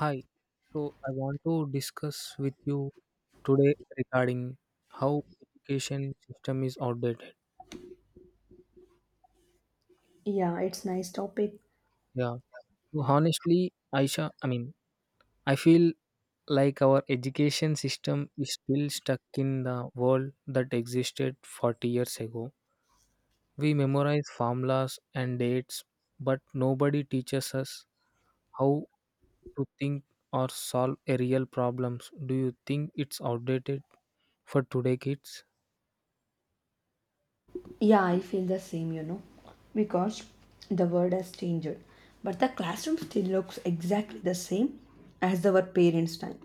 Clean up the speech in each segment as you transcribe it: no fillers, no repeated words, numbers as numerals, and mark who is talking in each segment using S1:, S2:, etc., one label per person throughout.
S1: Hi. So I want to discuss with you today regarding how education system is outdated.
S2: Yeah, it's nice topic.
S1: Yeah. So honestly, Aisha, I mean, I feel like our education system is still stuck in the world that existed 40 years ago. We memorize formulas and dates, but nobody teaches us how to think or solve a real problems. Do you think it's outdated for today kids?
S2: Yeah, I feel the same, because the world has changed, but the classroom still looks exactly the same as our parents' time.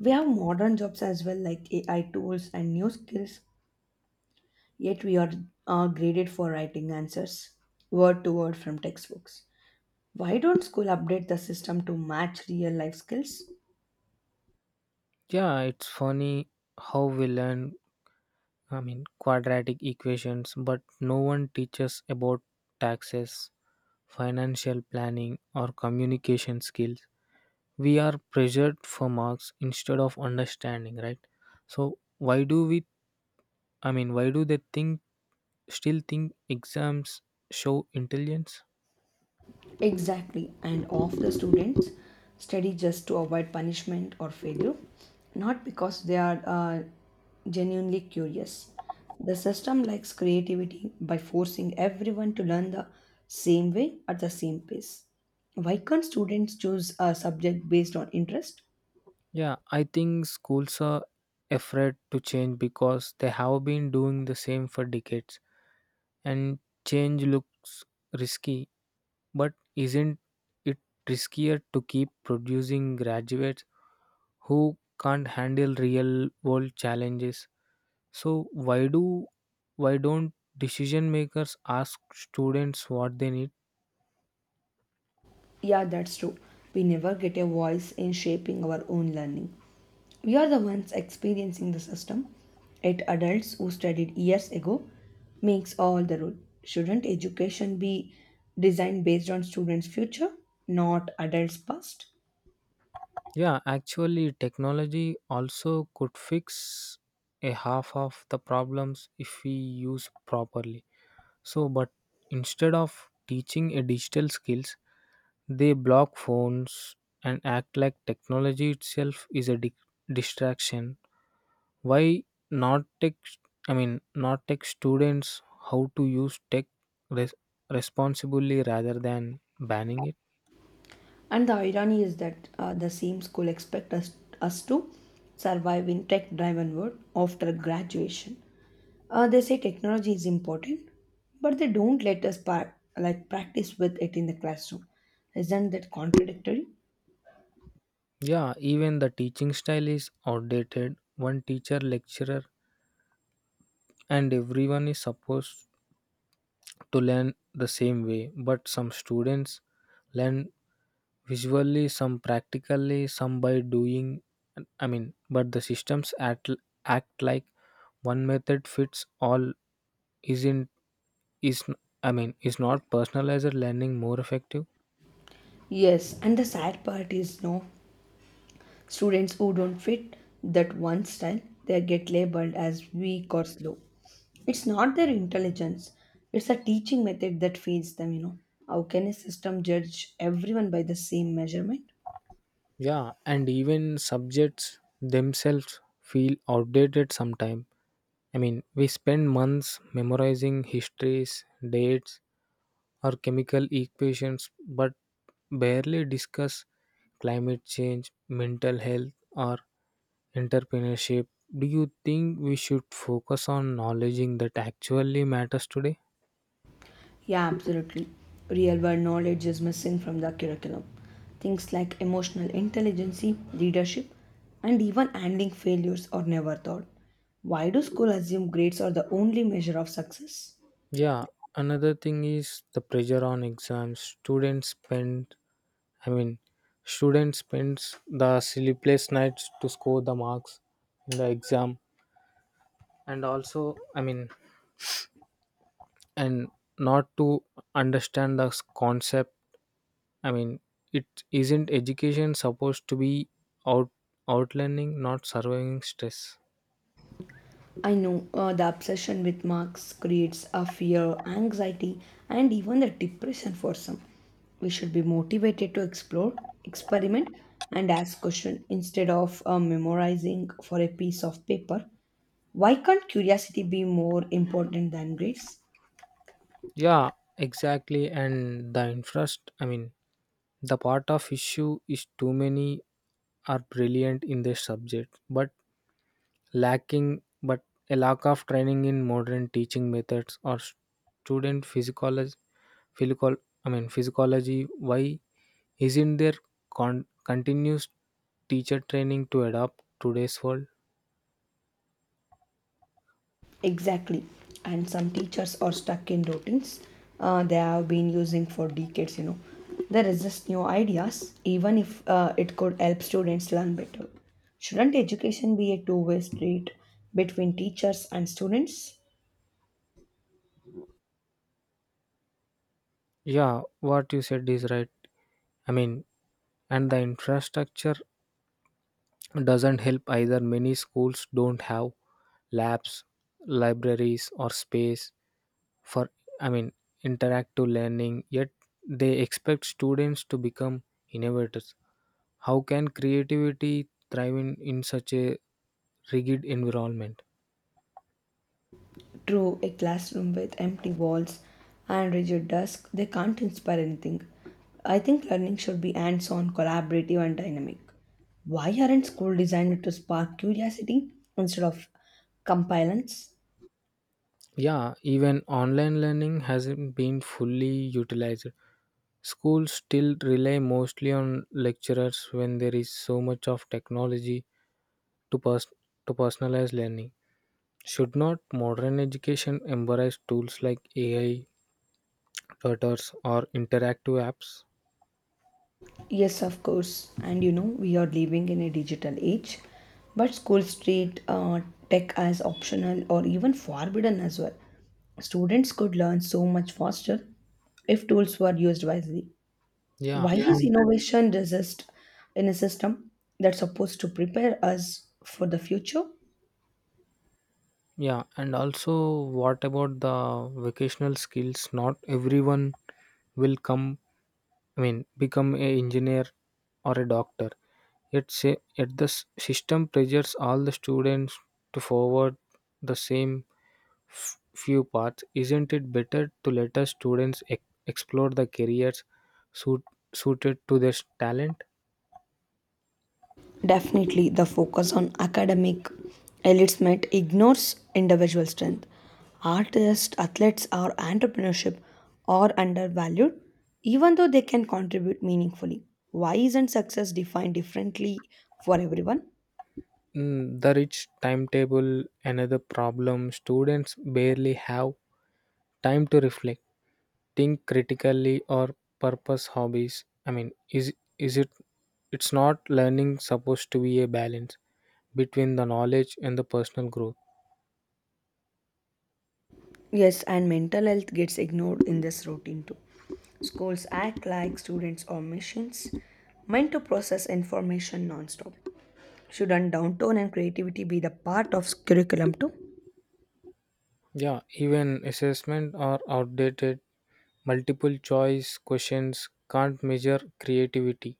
S2: We have modern jobs as well, like AI tools and new skills, yet we are graded for writing answers word to word from textbooks. Why don't school update the system to match real life skills?
S1: Yeah, it's funny how we learn, I mean, quadratic equations, but no one teaches about taxes, financial planning, or communication skills. We are pressured for marks instead of understanding, right? So, I mean, why do they think, still think exams show intelligence?
S2: Exactly, and of the students study just to avoid punishment or failure, not because they are genuinely curious. The system likes creativity by forcing everyone to learn the same way at the same pace. Why can't students choose a subject based on interest?
S1: Yeah, I think schools are afraid to change because they have been doing the same for decades and change looks risky. But isn't it riskier to keep producing graduates who can't handle real world challenges? So why don't decision makers ask students what they need?
S2: Yeah, that's true. We never get a voice in shaping our own learning. We are the ones experiencing the system, yet adults who studied years ago makes all the rule. Shouldn't education be designed based on students' future, not adults' past?
S1: Yeah, actually technology also could fix a half of the problems if we use properly. So but instead of teaching a digital skills, they block phones and act like technology itself is a distraction. Why not teach? I mean, not teach students how to use tech res- responsibly rather than banning it.
S2: And the irony is that the same school expect us, us to survive in tech-driven world after graduation. They say technology is important, but they don't let us like practice with it in the classroom. Isn't that contradictory?
S1: Yeah, even the teaching style is outdated. One teacher, lecturer, and everyone is supposed to learn the same way, but some students learn visually, some practically, some by doing. I mean, but the systems act like one method fits all. Isn't is I mean, is not personalized learning more effective?
S2: Yes, and the sad part is no. Students who don't fit that one style, they get labeled as weak or slow. It's not their intelligence, it's a teaching method that feeds them, you know. How can a system judge everyone by the same measurement?
S1: Yeah, and even subjects themselves feel outdated sometimes. I mean, we spend months memorizing histories, dates, or chemical equations, but barely discuss climate change, mental health, or entrepreneurship. Do you think we should focus on knowledge that actually matters today?
S2: Yeah, absolutely. Real world knowledge is missing from the curriculum. Things like emotional intelligence, leadership, and even handling failures are never taught. Why do schools assume grades are the only measure of success?
S1: Yeah, another thing is the pressure on exams. Students spend, I mean, students spends the sleepless nights to score the marks in the exam and also, I mean, and not to understand the concept. I mean, it isn't education supposed to be out outlining, not surviving stress?
S2: I know the obsession with marks creates a fear, anxiety, and even the depression for some. We should be motivated to explore, experiment, and ask questions instead of memorizing for a piece of paper. Why can't curiosity be more important than grades?
S1: Yeah, exactly. And the interest, I mean, the part of issue is too many are brilliant in their subject but lacking but a lack of training in modern teaching methods or student physiology, physical I mean, physiology. Why isn't there continuous teacher training to adapt today's world?
S2: Exactly. And some teachers are stuck in routines they have been using for decades, you know. They resist new ideas, even if it could help students learn better. Shouldn't education be a two-way street between teachers and students?
S1: Yeah, what you said is right. I mean, and the infrastructure doesn't help either. Many schools don't have labs, libraries, or space for, I mean, interactive learning, yet they expect students to become innovators. How can creativity thrive in such a rigid environment?
S2: Through a classroom with empty walls and rigid desks, they can't inspire anything. I think learning should be hands on, collaborative, and dynamic. Why aren't schools designed to spark curiosity instead of compliance?
S1: Yeah, even online learning hasn't been fully utilized. Schools still rely mostly on lecturers when there is so much of technology to pers- to personalize learning. Should not modern education embrace tools like AI tutors or interactive apps?
S2: Yes, of course. And we are living in a digital age, but schools treat tech as optional or even forbidden as well. Students could learn so much faster if tools were used wisely.
S1: Yeah,
S2: Why is
S1: and
S2: innovation resist in a system that's supposed to prepare us for the future?
S1: yeah, and also, what about the vocational skills? Not everyone will come, I mean, become a engineer or a doctor. Yet, say, yet the system pressures all the students to forward the same few paths. Isn't it better to let us students explore the careers suit- suited to their talent?
S2: Definitely, the focus on academic elitement ignores individual strength. Artists, athletes, or entrepreneurship are undervalued, even though they can contribute meaningfully. Why isn't success defined differently for everyone?
S1: Mm, the rich timetable, another problem. Students barely have time to reflect, think critically, or purpose hobbies. I mean, is is it it's not learning supposed to be a balance between the knowledge and the personal growth?
S2: Yes, and mental health gets ignored in this routine too. Schools act like students are machines meant to process information non-stop. Shouldn't downtown and creativity be the part of curriculum too?
S1: Yeah, even assessment are outdated. Multiple choice questions can't measure creativity,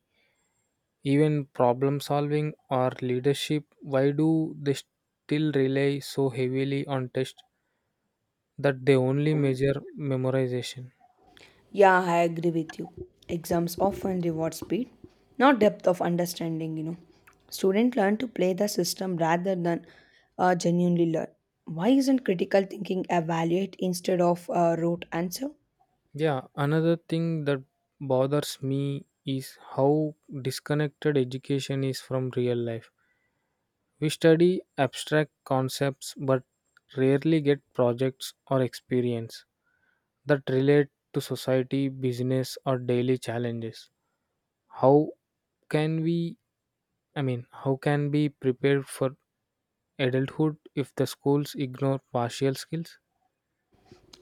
S1: even problem solving or leadership. Why do they still rely so heavily on tests that they only measure memorization?
S2: Yeah, I agree with you. Exams often reward speed, not depth of understanding, you know. Students learn to play the system rather than genuinely learn. Why isn't critical thinking evaluate instead of a rote answer?
S1: Yeah, another thing that bothers me is how disconnected education is from real life. We study abstract concepts but rarely get projects or experience that relate to society, business, or daily challenges. How can we, I mean, how can be prepared for adulthood if the schools ignore partial skills?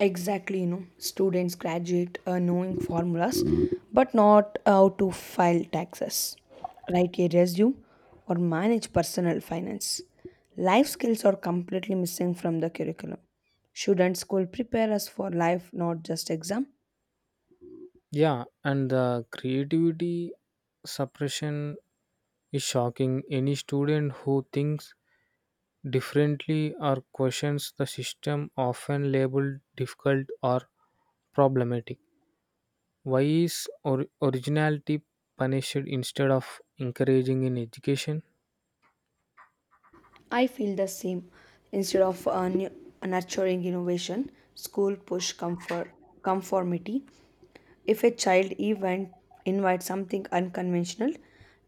S2: Exactly, students graduate knowing formulas but not how to file taxes, write a resume, or manage personal finance. Life skills are completely missing from the curriculum. Shouldn't school prepare us for life, not just exam?
S1: Yeah, and the creativity suppression is shocking. Any student who thinks differently or questions the system often labeled difficult or problematic. Why is originality punished instead of encouraging in education?
S2: I feel the same. Instead of nurturing innovation, school push comfort, conformity If a child event invites something unconventional,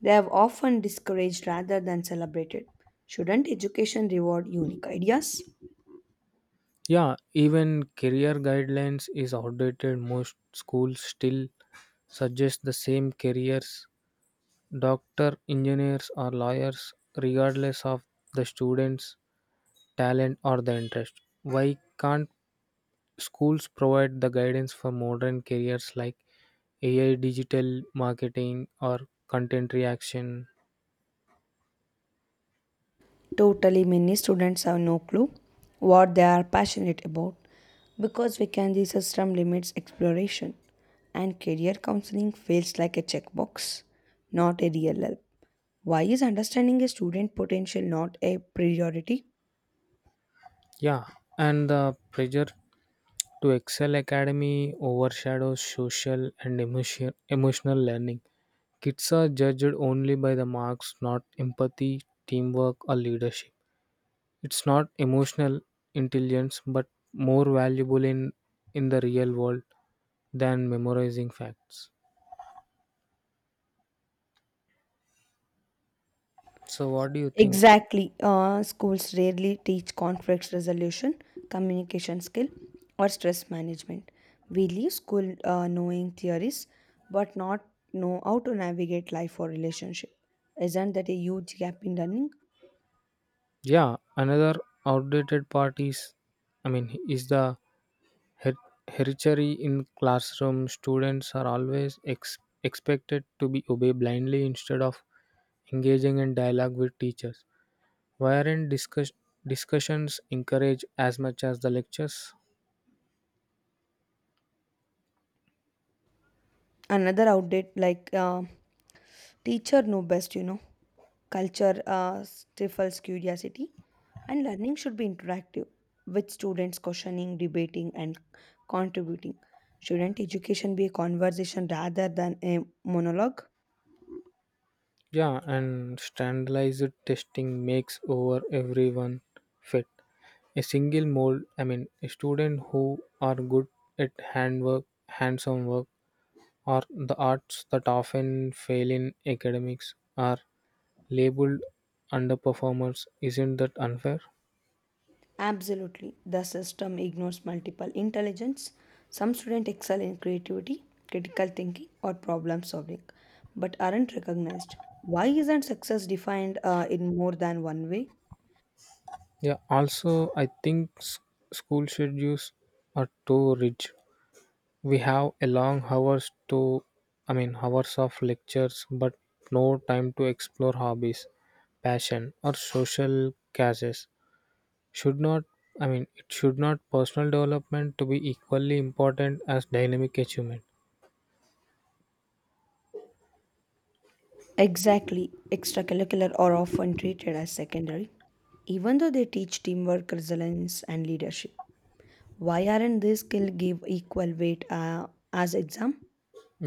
S2: they have often discouraged rather than celebrated. Shouldn't education reward unique ideas?
S1: Yeah, even career guidelines is outdated. Most schools still suggest the same careers: doctor, engineers, or lawyers, regardless of the students' talent or the interest. Why can't schools provide the guidance for modern careers like AI, digital marketing, or content reaction?
S2: Totally, many students have no clue what they are passionate about because we can the system limits exploration and career counseling feels like a checkbox, not a real help. Why is understanding a student potential not a priority?
S1: Yeah, and the pressure to excel academy overshadows social and emotion, emotional learning. Kids are judged only by the marks, not empathy, teamwork, or leadership. It's not emotional intelligence, but more valuable in the real world than memorizing facts. So, what do you think?
S2: Exactly. Schools rarely teach conflict resolution, communication skill, or stress management. We leave school knowing theories but not know how to navigate life or relationship. Isn't that a huge gap in learning?
S1: Yeah, another outdated part is, I mean, is the her- hereditary in classroom. Students are always expected to be obey blindly instead of engaging in dialogue with teachers. Why aren't discussions encouraged as much as the lectures?
S2: Another outdate like Teacher know best, you know. Culture stifles curiosity, and learning should be interactive, with students questioning, debating, and contributing. Shouldn't education be a conversation rather than a monologue?
S1: Yeah, and standardized testing makes over everyone fit. A single mold, I mean, a student who are good at handwork, hands-on work, or the arts that often fail in academics are labeled underperformers. Isn't that unfair?
S2: Absolutely. The system ignores multiple intelligence. Some students excel in creativity, critical thinking, or problem solving, but aren't recognized. Why isn't success defined in more than one way?
S1: Yeah, also, I think school schedules are too rigid. We have a long hours to, I mean, hours of lectures, but no time to explore hobbies, passion, or social causes. Should not, I mean, it should not personal development to be equally important as dynamic achievement.
S2: Exactly. Extracurricular are often treated as secondary, even though they teach teamwork, resilience, and leadership. Why aren't these skills give equal weight as exam?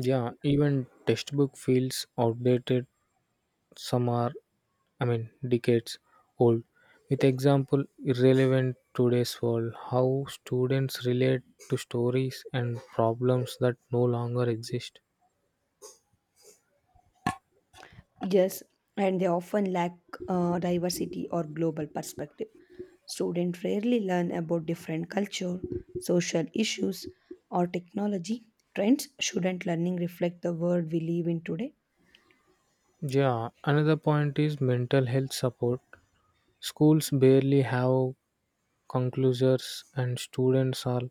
S1: Yeah, even textbook feels outdated. Some are, I mean, decades old, with example irrelevant today's world. How students relate to stories and problems that no longer exist.
S2: Yes, and they often lack diversity or global perspective. Students rarely learn about different culture, social issues, or technology. Trends shouldn't learning reflect the world we live in today?
S1: Yeah, another point is mental health support. Schools barely have conclusors, and students are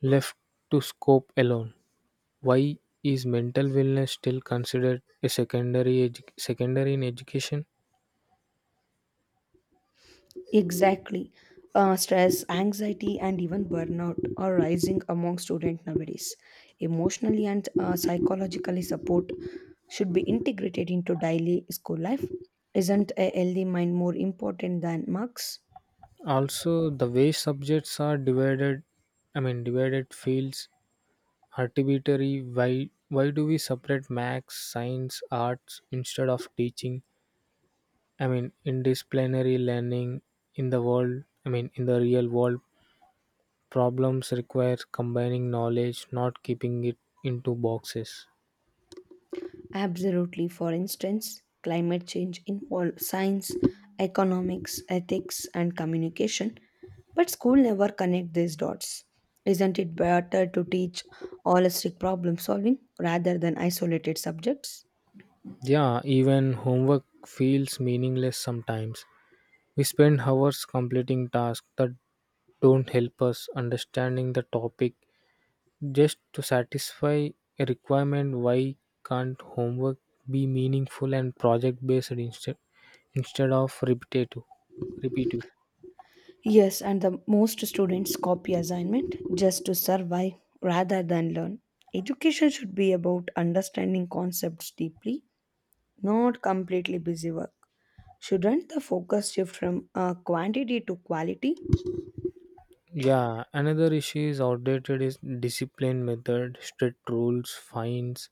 S1: left to scope alone. Why is mental wellness still considered a secondary in education?
S2: Exactly. Stress, anxiety, and even burnout are rising among students nowadays. Emotionally and psychologically support should be integrated into daily school life. Isn't a healthy mind more important than marks?
S1: Also the way subjects are divided, I mean, divided fields arbitrary. Why do we separate max science arts instead of teaching, I mean, in learning, in the world, I mean, in the real world problems require combining knowledge, not keeping it into boxes?
S2: Absolutely. For instance, climate change involves science, economics, ethics, and communication, but school never connect these dots. Isn't it better to teach holistic problem solving rather than isolated subjects?
S1: Yeah, even homework feels meaningless sometimes. We spend hours completing tasks that don't help us understanding the topic, just to satisfy a requirement. Why can't homework be meaningful and project based instead of repetitive?
S2: Yes, and the most students copy assignment just to survive rather than learn. Education should be about understanding concepts deeply, not completely busy work. Shouldn't the focus shift from quantity to quality?
S1: Yeah, another issue is outdated is discipline method. Strict rules, fines,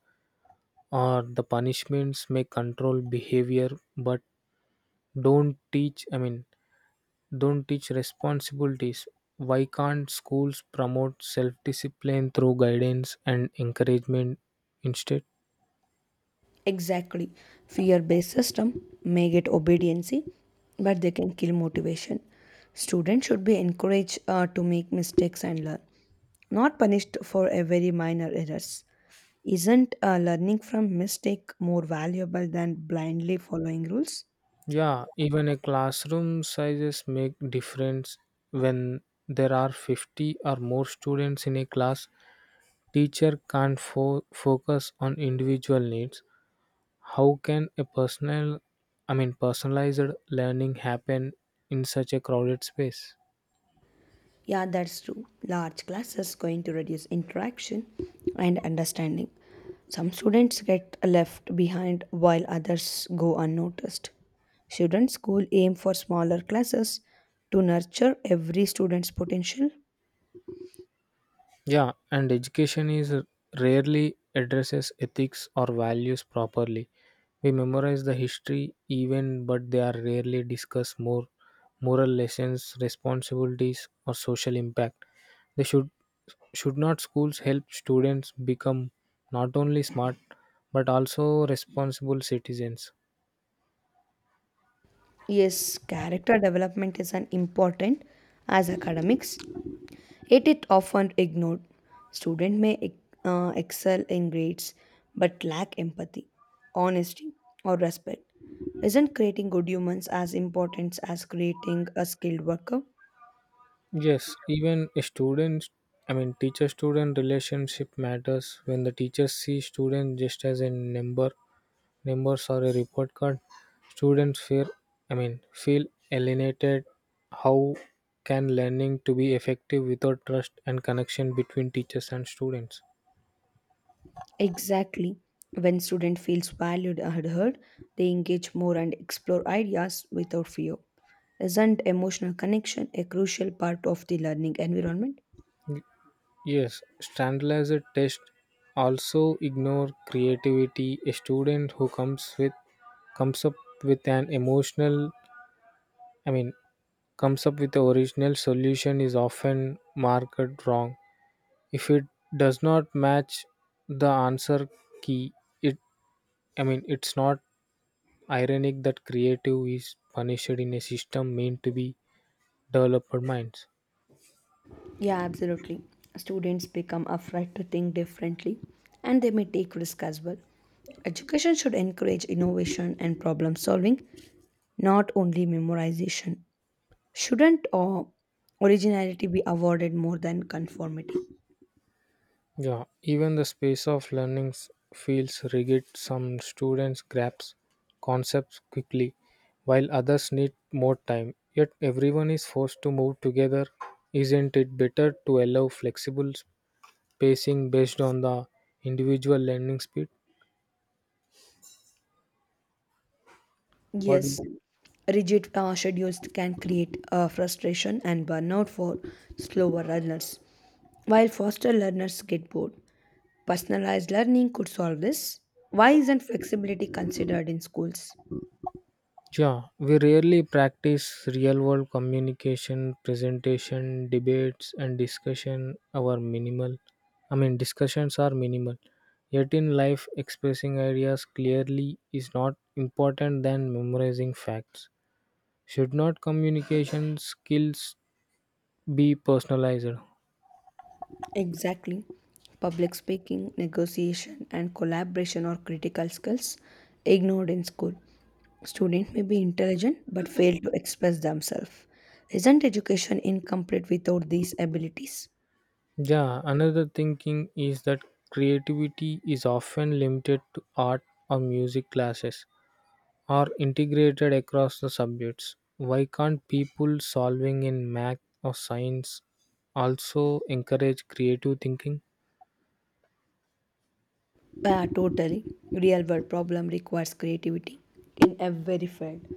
S1: or the punishments may control behavior, but don't teach, I mean, don't teach responsibilities. Why can't schools promote self discipline through guidance and encouragement instead?
S2: Exactly. Fear-based system may get obediency, but they can kill motivation. Students should be encouraged to make mistakes and learn, not punished for a very minor errors. Isn't learning from mistake more valuable than blindly following rules?
S1: Yeah, even a classroom sizes make difference when there are 50 or more students in a class. Teacher can't focus on individual needs. How can a personal, I mean, personalized learning happen in such a crowded space?
S2: Yeah, that's true. Large classes going to reduce interaction and understanding. Some students get left behind while others go unnoticed. Shouldn't school aim for smaller classes to nurture every student's potential?
S1: Yeah, and education is rarely addresses ethics or values properly. We memorize the history even but they are rarely discuss more moral lessons, responsibilities, or social impact. They should not schools help students become not only smart but also responsible citizens?
S2: Yes, character development is as important as academics, it is often ignored. Students may excel in grades but lack empathy, honesty, or respect. Isn't creating good humans as important as creating a skilled worker?
S1: Yes, even a student, I mean, teacher student relationship matters when the teachers see students just as a numbers or a report card. Students fear I mean, feel alienated. How can learning to be effective without trust and connection between teachers and students?
S2: Exactly. When student feels valued and heard, they engage more and explore ideas without fear. Isn't emotional connection a crucial part of the learning environment?
S1: Yes, standardized tests also ignore creativity. A student who comes up with an emotional, I mean, comes up with the original solution is often marked wrong. If it does not match the answer key, it, I mean, it's not ironic that creative is punished in a system meant to be developer minds.
S2: Yeah, absolutely. Students become afraid to think differently and they may take risk as well. Education should encourage innovation and problem solving, not only memorization. Shouldn't originality be awarded more than conformity?
S1: Yeah, even the space of learning feels rigid. Some students grasp concepts quickly, while others need more time. Yet everyone is forced to move together. Isn't it better to allow flexible spacing based on the individual learning speed? What do you
S2: Yes, rigid schedules can create frustration and burnout for slower learners, while faster learners get bored. Personalized learning could solve this. Why isn't flexibility considered in schools?
S1: yeah, we rarely practice real world communication, presentation, debates, and discussion. Our minimal, I mean, discussions are minimal. Yet in life, expressing ideas clearly is not important than memorizing facts. Should not communication skills be personalized?
S2: Exactly. Public speaking, negotiation, and collaboration are critical skills ignored in school. Students may be intelligent but fail to express themselves. Isn't education incomplete without these abilities?
S1: Yeah, another thinking is that creativity is often limited to art or music classes are integrated across the subjects. Why can't people solving in math or science also encourage creative thinking?
S2: Yeah, totally. Real world problem requires creativity in every field.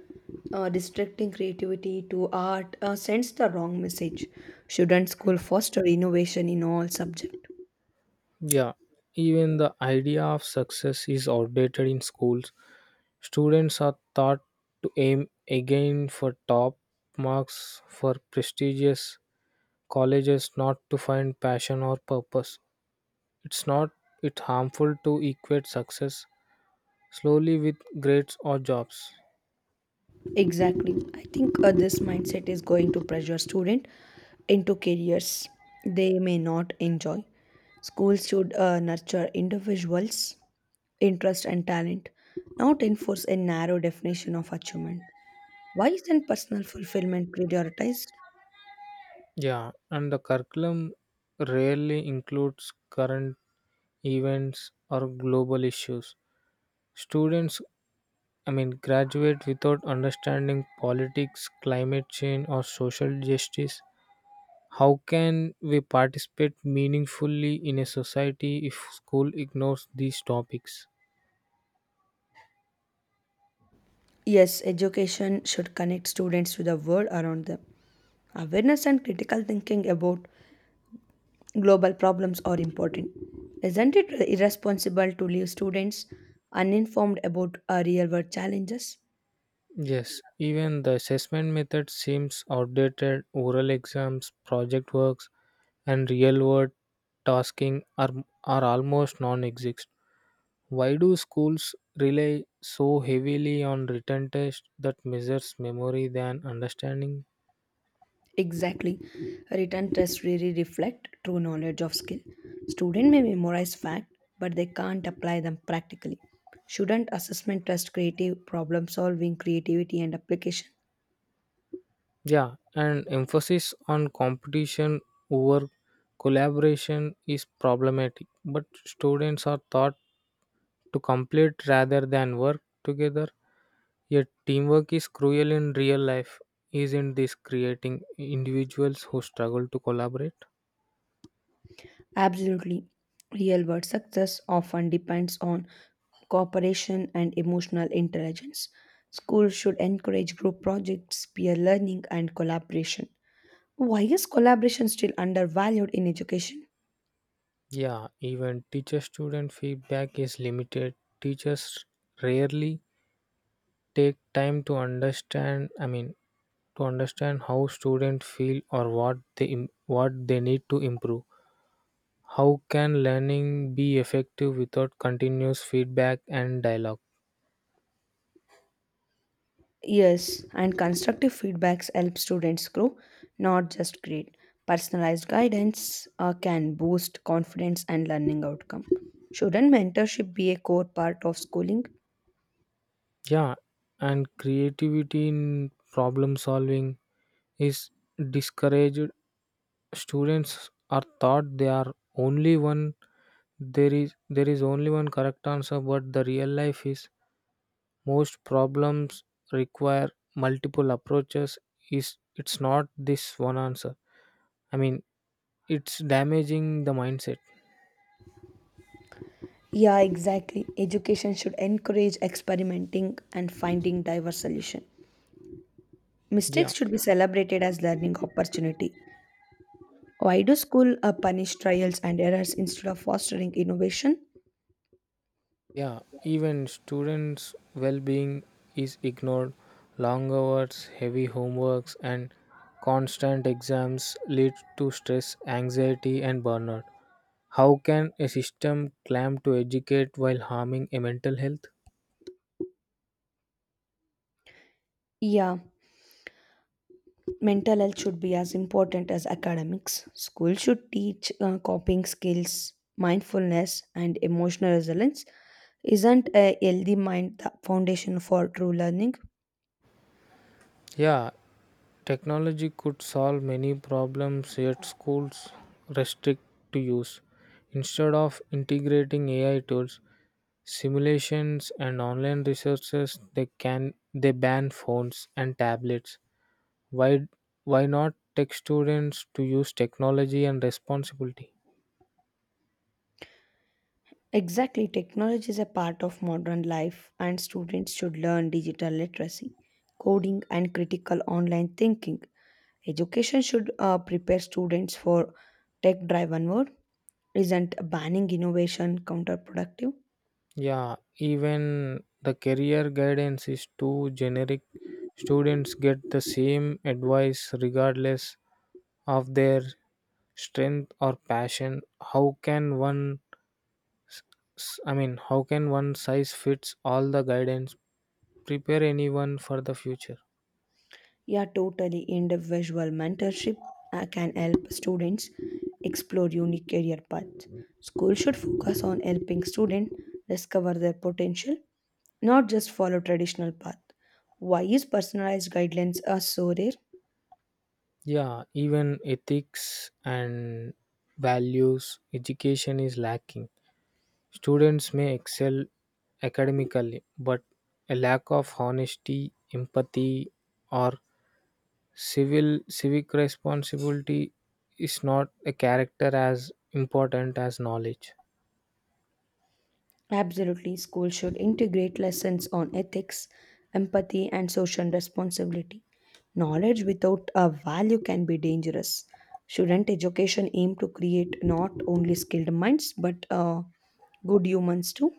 S2: Restricting creativity to art sends the wrong message. Shouldn't school foster innovation in all subjects?
S1: Yeah, even the idea of success is outdated in schools. Students are taught to aim again for top marks for prestigious colleges, not to find passion or purpose. It's not it harmful to equate success slowly with grades or jobs.
S2: Exactly. I think this mindset is going to pressure students into careers they may not enjoy. Schools should nurture individuals' interest and talent, not enforce a narrow definition of achievement. Why isn't personal fulfillment prioritized?
S1: Yeah, and the curriculum rarely includes current events or global issues. Students, I mean, graduate without understanding politics, climate change, or social justice. How can we participate meaningfully in a society if school ignores these topics?
S2: Yes, education should connect students to the world around them. Awareness and critical thinking about global problems are important. Isn't it irresponsible to leave students uninformed about our real world challenges?
S1: Yes, even the assessment method seems outdated. Oral exams, project works, and real world tasking are almost non exist. Why do schools rely so heavily on written tests that measures memory than understanding?
S2: Exactly. Written tests really reflect true knowledge of skill. Student may memorize fact, but they can't apply them practically. Shouldn't assessment test creative problem solving, creativity, and application?
S1: Yeah, and emphasis on competition over collaboration is problematic, but students are taught to complete rather than work together. Yet teamwork is cruel in real life, isn't this creating individuals who struggle to collaborate?
S2: Absolutely. Real world success often depends on cooperation and emotional intelligence. Schools should encourage group projects, peer learning, and collaboration. Why is collaboration still undervalued in education?
S1: Yeah, even teacher student feedback is limited. Teachers rarely take time to understand, I mean, to understand how students feel or what they what they need to improve. How can learning be effective without continuous feedback and dialogue?
S2: Yes, and constructive feedbacks help students grow, not just grade. Personalized guidance can boost confidence and learning outcome. Shouldn't mentorship be a core part of schooling?
S1: Yeah, and creativity in problem solving is discouraged. Students are taught they are only one, there is only one correct answer, but the real life is most problems require multiple approaches. Is It's not this one answer. I mean, it's damaging the mindset.
S2: Yeah, exactly. Education should encourage experimenting and finding diverse solutions. Mistakes
S1: Yeah,
S2: should be celebrated as learning opportunity. Why do school punish trials and errors instead of fostering innovation?
S1: yeah. Even students' well-being is ignored. Long hours, heavy homeworks, and constant exams lead to stress, anxiety, and burnout. How can a system claim to educate while harming a mental health?
S2: Yeah, mental health should be as important as academics. School should teach coping skills, mindfulness, and emotional resilience. Isn't a healthy mind the foundation for true learning?
S1: Yeah, technology could solve many problems yet schools restrict to use. Instead of integrating AI tools, simulations, and online resources, they can they ban phones and tablets. Why why not take students to use technology and responsibility?
S2: Exactly, technology is a part of modern life, and students should learn digital literacy, coding, and critical online thinking. Education should prepare students for tech driven world. Isn't banning innovation counterproductive?
S1: Yeah, even the career guidance is too generic. Students get the same advice regardless of their strength or passion. How can one, s- s- I mean, how can one size fits all the guidance prepare anyone for the future?
S2: Yeah, totally. Individual mentorship can help students explore unique career paths. School should focus on helping students discover their potential not just follow traditional path. Why is personalized guidelines are so rare?
S1: Yeah, even ethics and values, education is lacking. Students may excel academically, but a lack of honesty, empathy, or civil civic responsibility is not a character as important as knowledge.
S2: Absolutely, school should integrate lessons on ethics, empathy, and social responsibility. Knowledge without a value can be dangerous. Shouldn't education aim to create not only skilled minds but good humans too?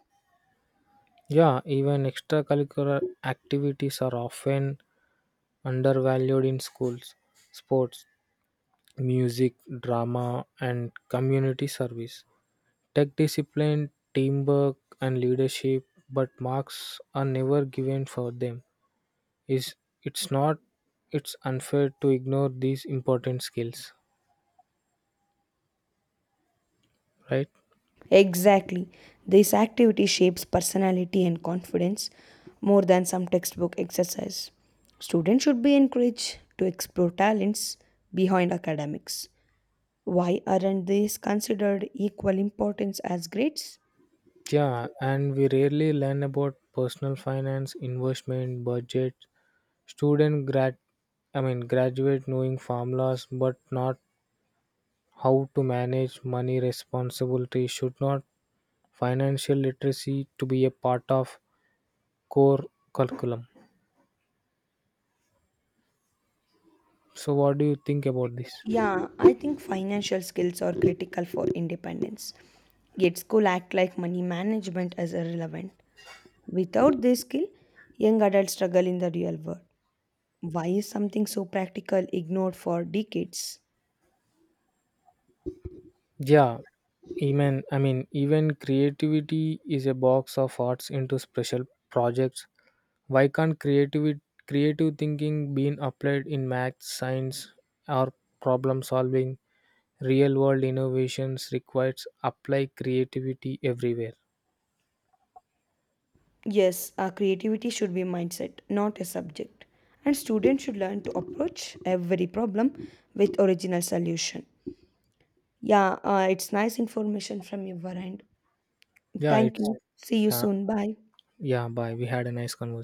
S1: Yeah, even extracurricular activities are often undervalued in schools. Sports, music, drama, and community service. Tech discipline, teamwork, and leadership, but marks are never given for them. Is it's not, it's unfair to ignore these important skills, right?
S2: Exactly. This activity shapes personality and confidence more than some textbook exercise. Students should be encouraged to explore talents behind academics. Why aren't these considered equal importance as grades?
S1: Yeah, and we rarely learn about personal finance, investment, budget. Student grad I mean, graduate knowing formulas but not how to manage money responsibility. Should not financial literacy to be a part of core curriculum? So what do you think about this?
S2: Yeah, I think financial skills are critical for independence. Yet school act like money management is irrelevant. Without this skill, young adults struggle in the real world. Why is something so practical ignored for decades?
S1: Yeah, even, I mean, even creativity is a box of arts into special projects. Why can't creativity creative thinking being applied in math, science, or problem solving? Real world innovations requires apply creativity everywhere.
S2: Yes, our creativity should be mindset, not a subject. And students should learn to approach every problem with original solution. Yeah, it's nice information from your end.
S1: Yeah,
S2: Thank
S1: it's
S2: you. See you
S1: yeah,
S2: soon. Bye.
S1: yeah, bye. We had a nice conversation.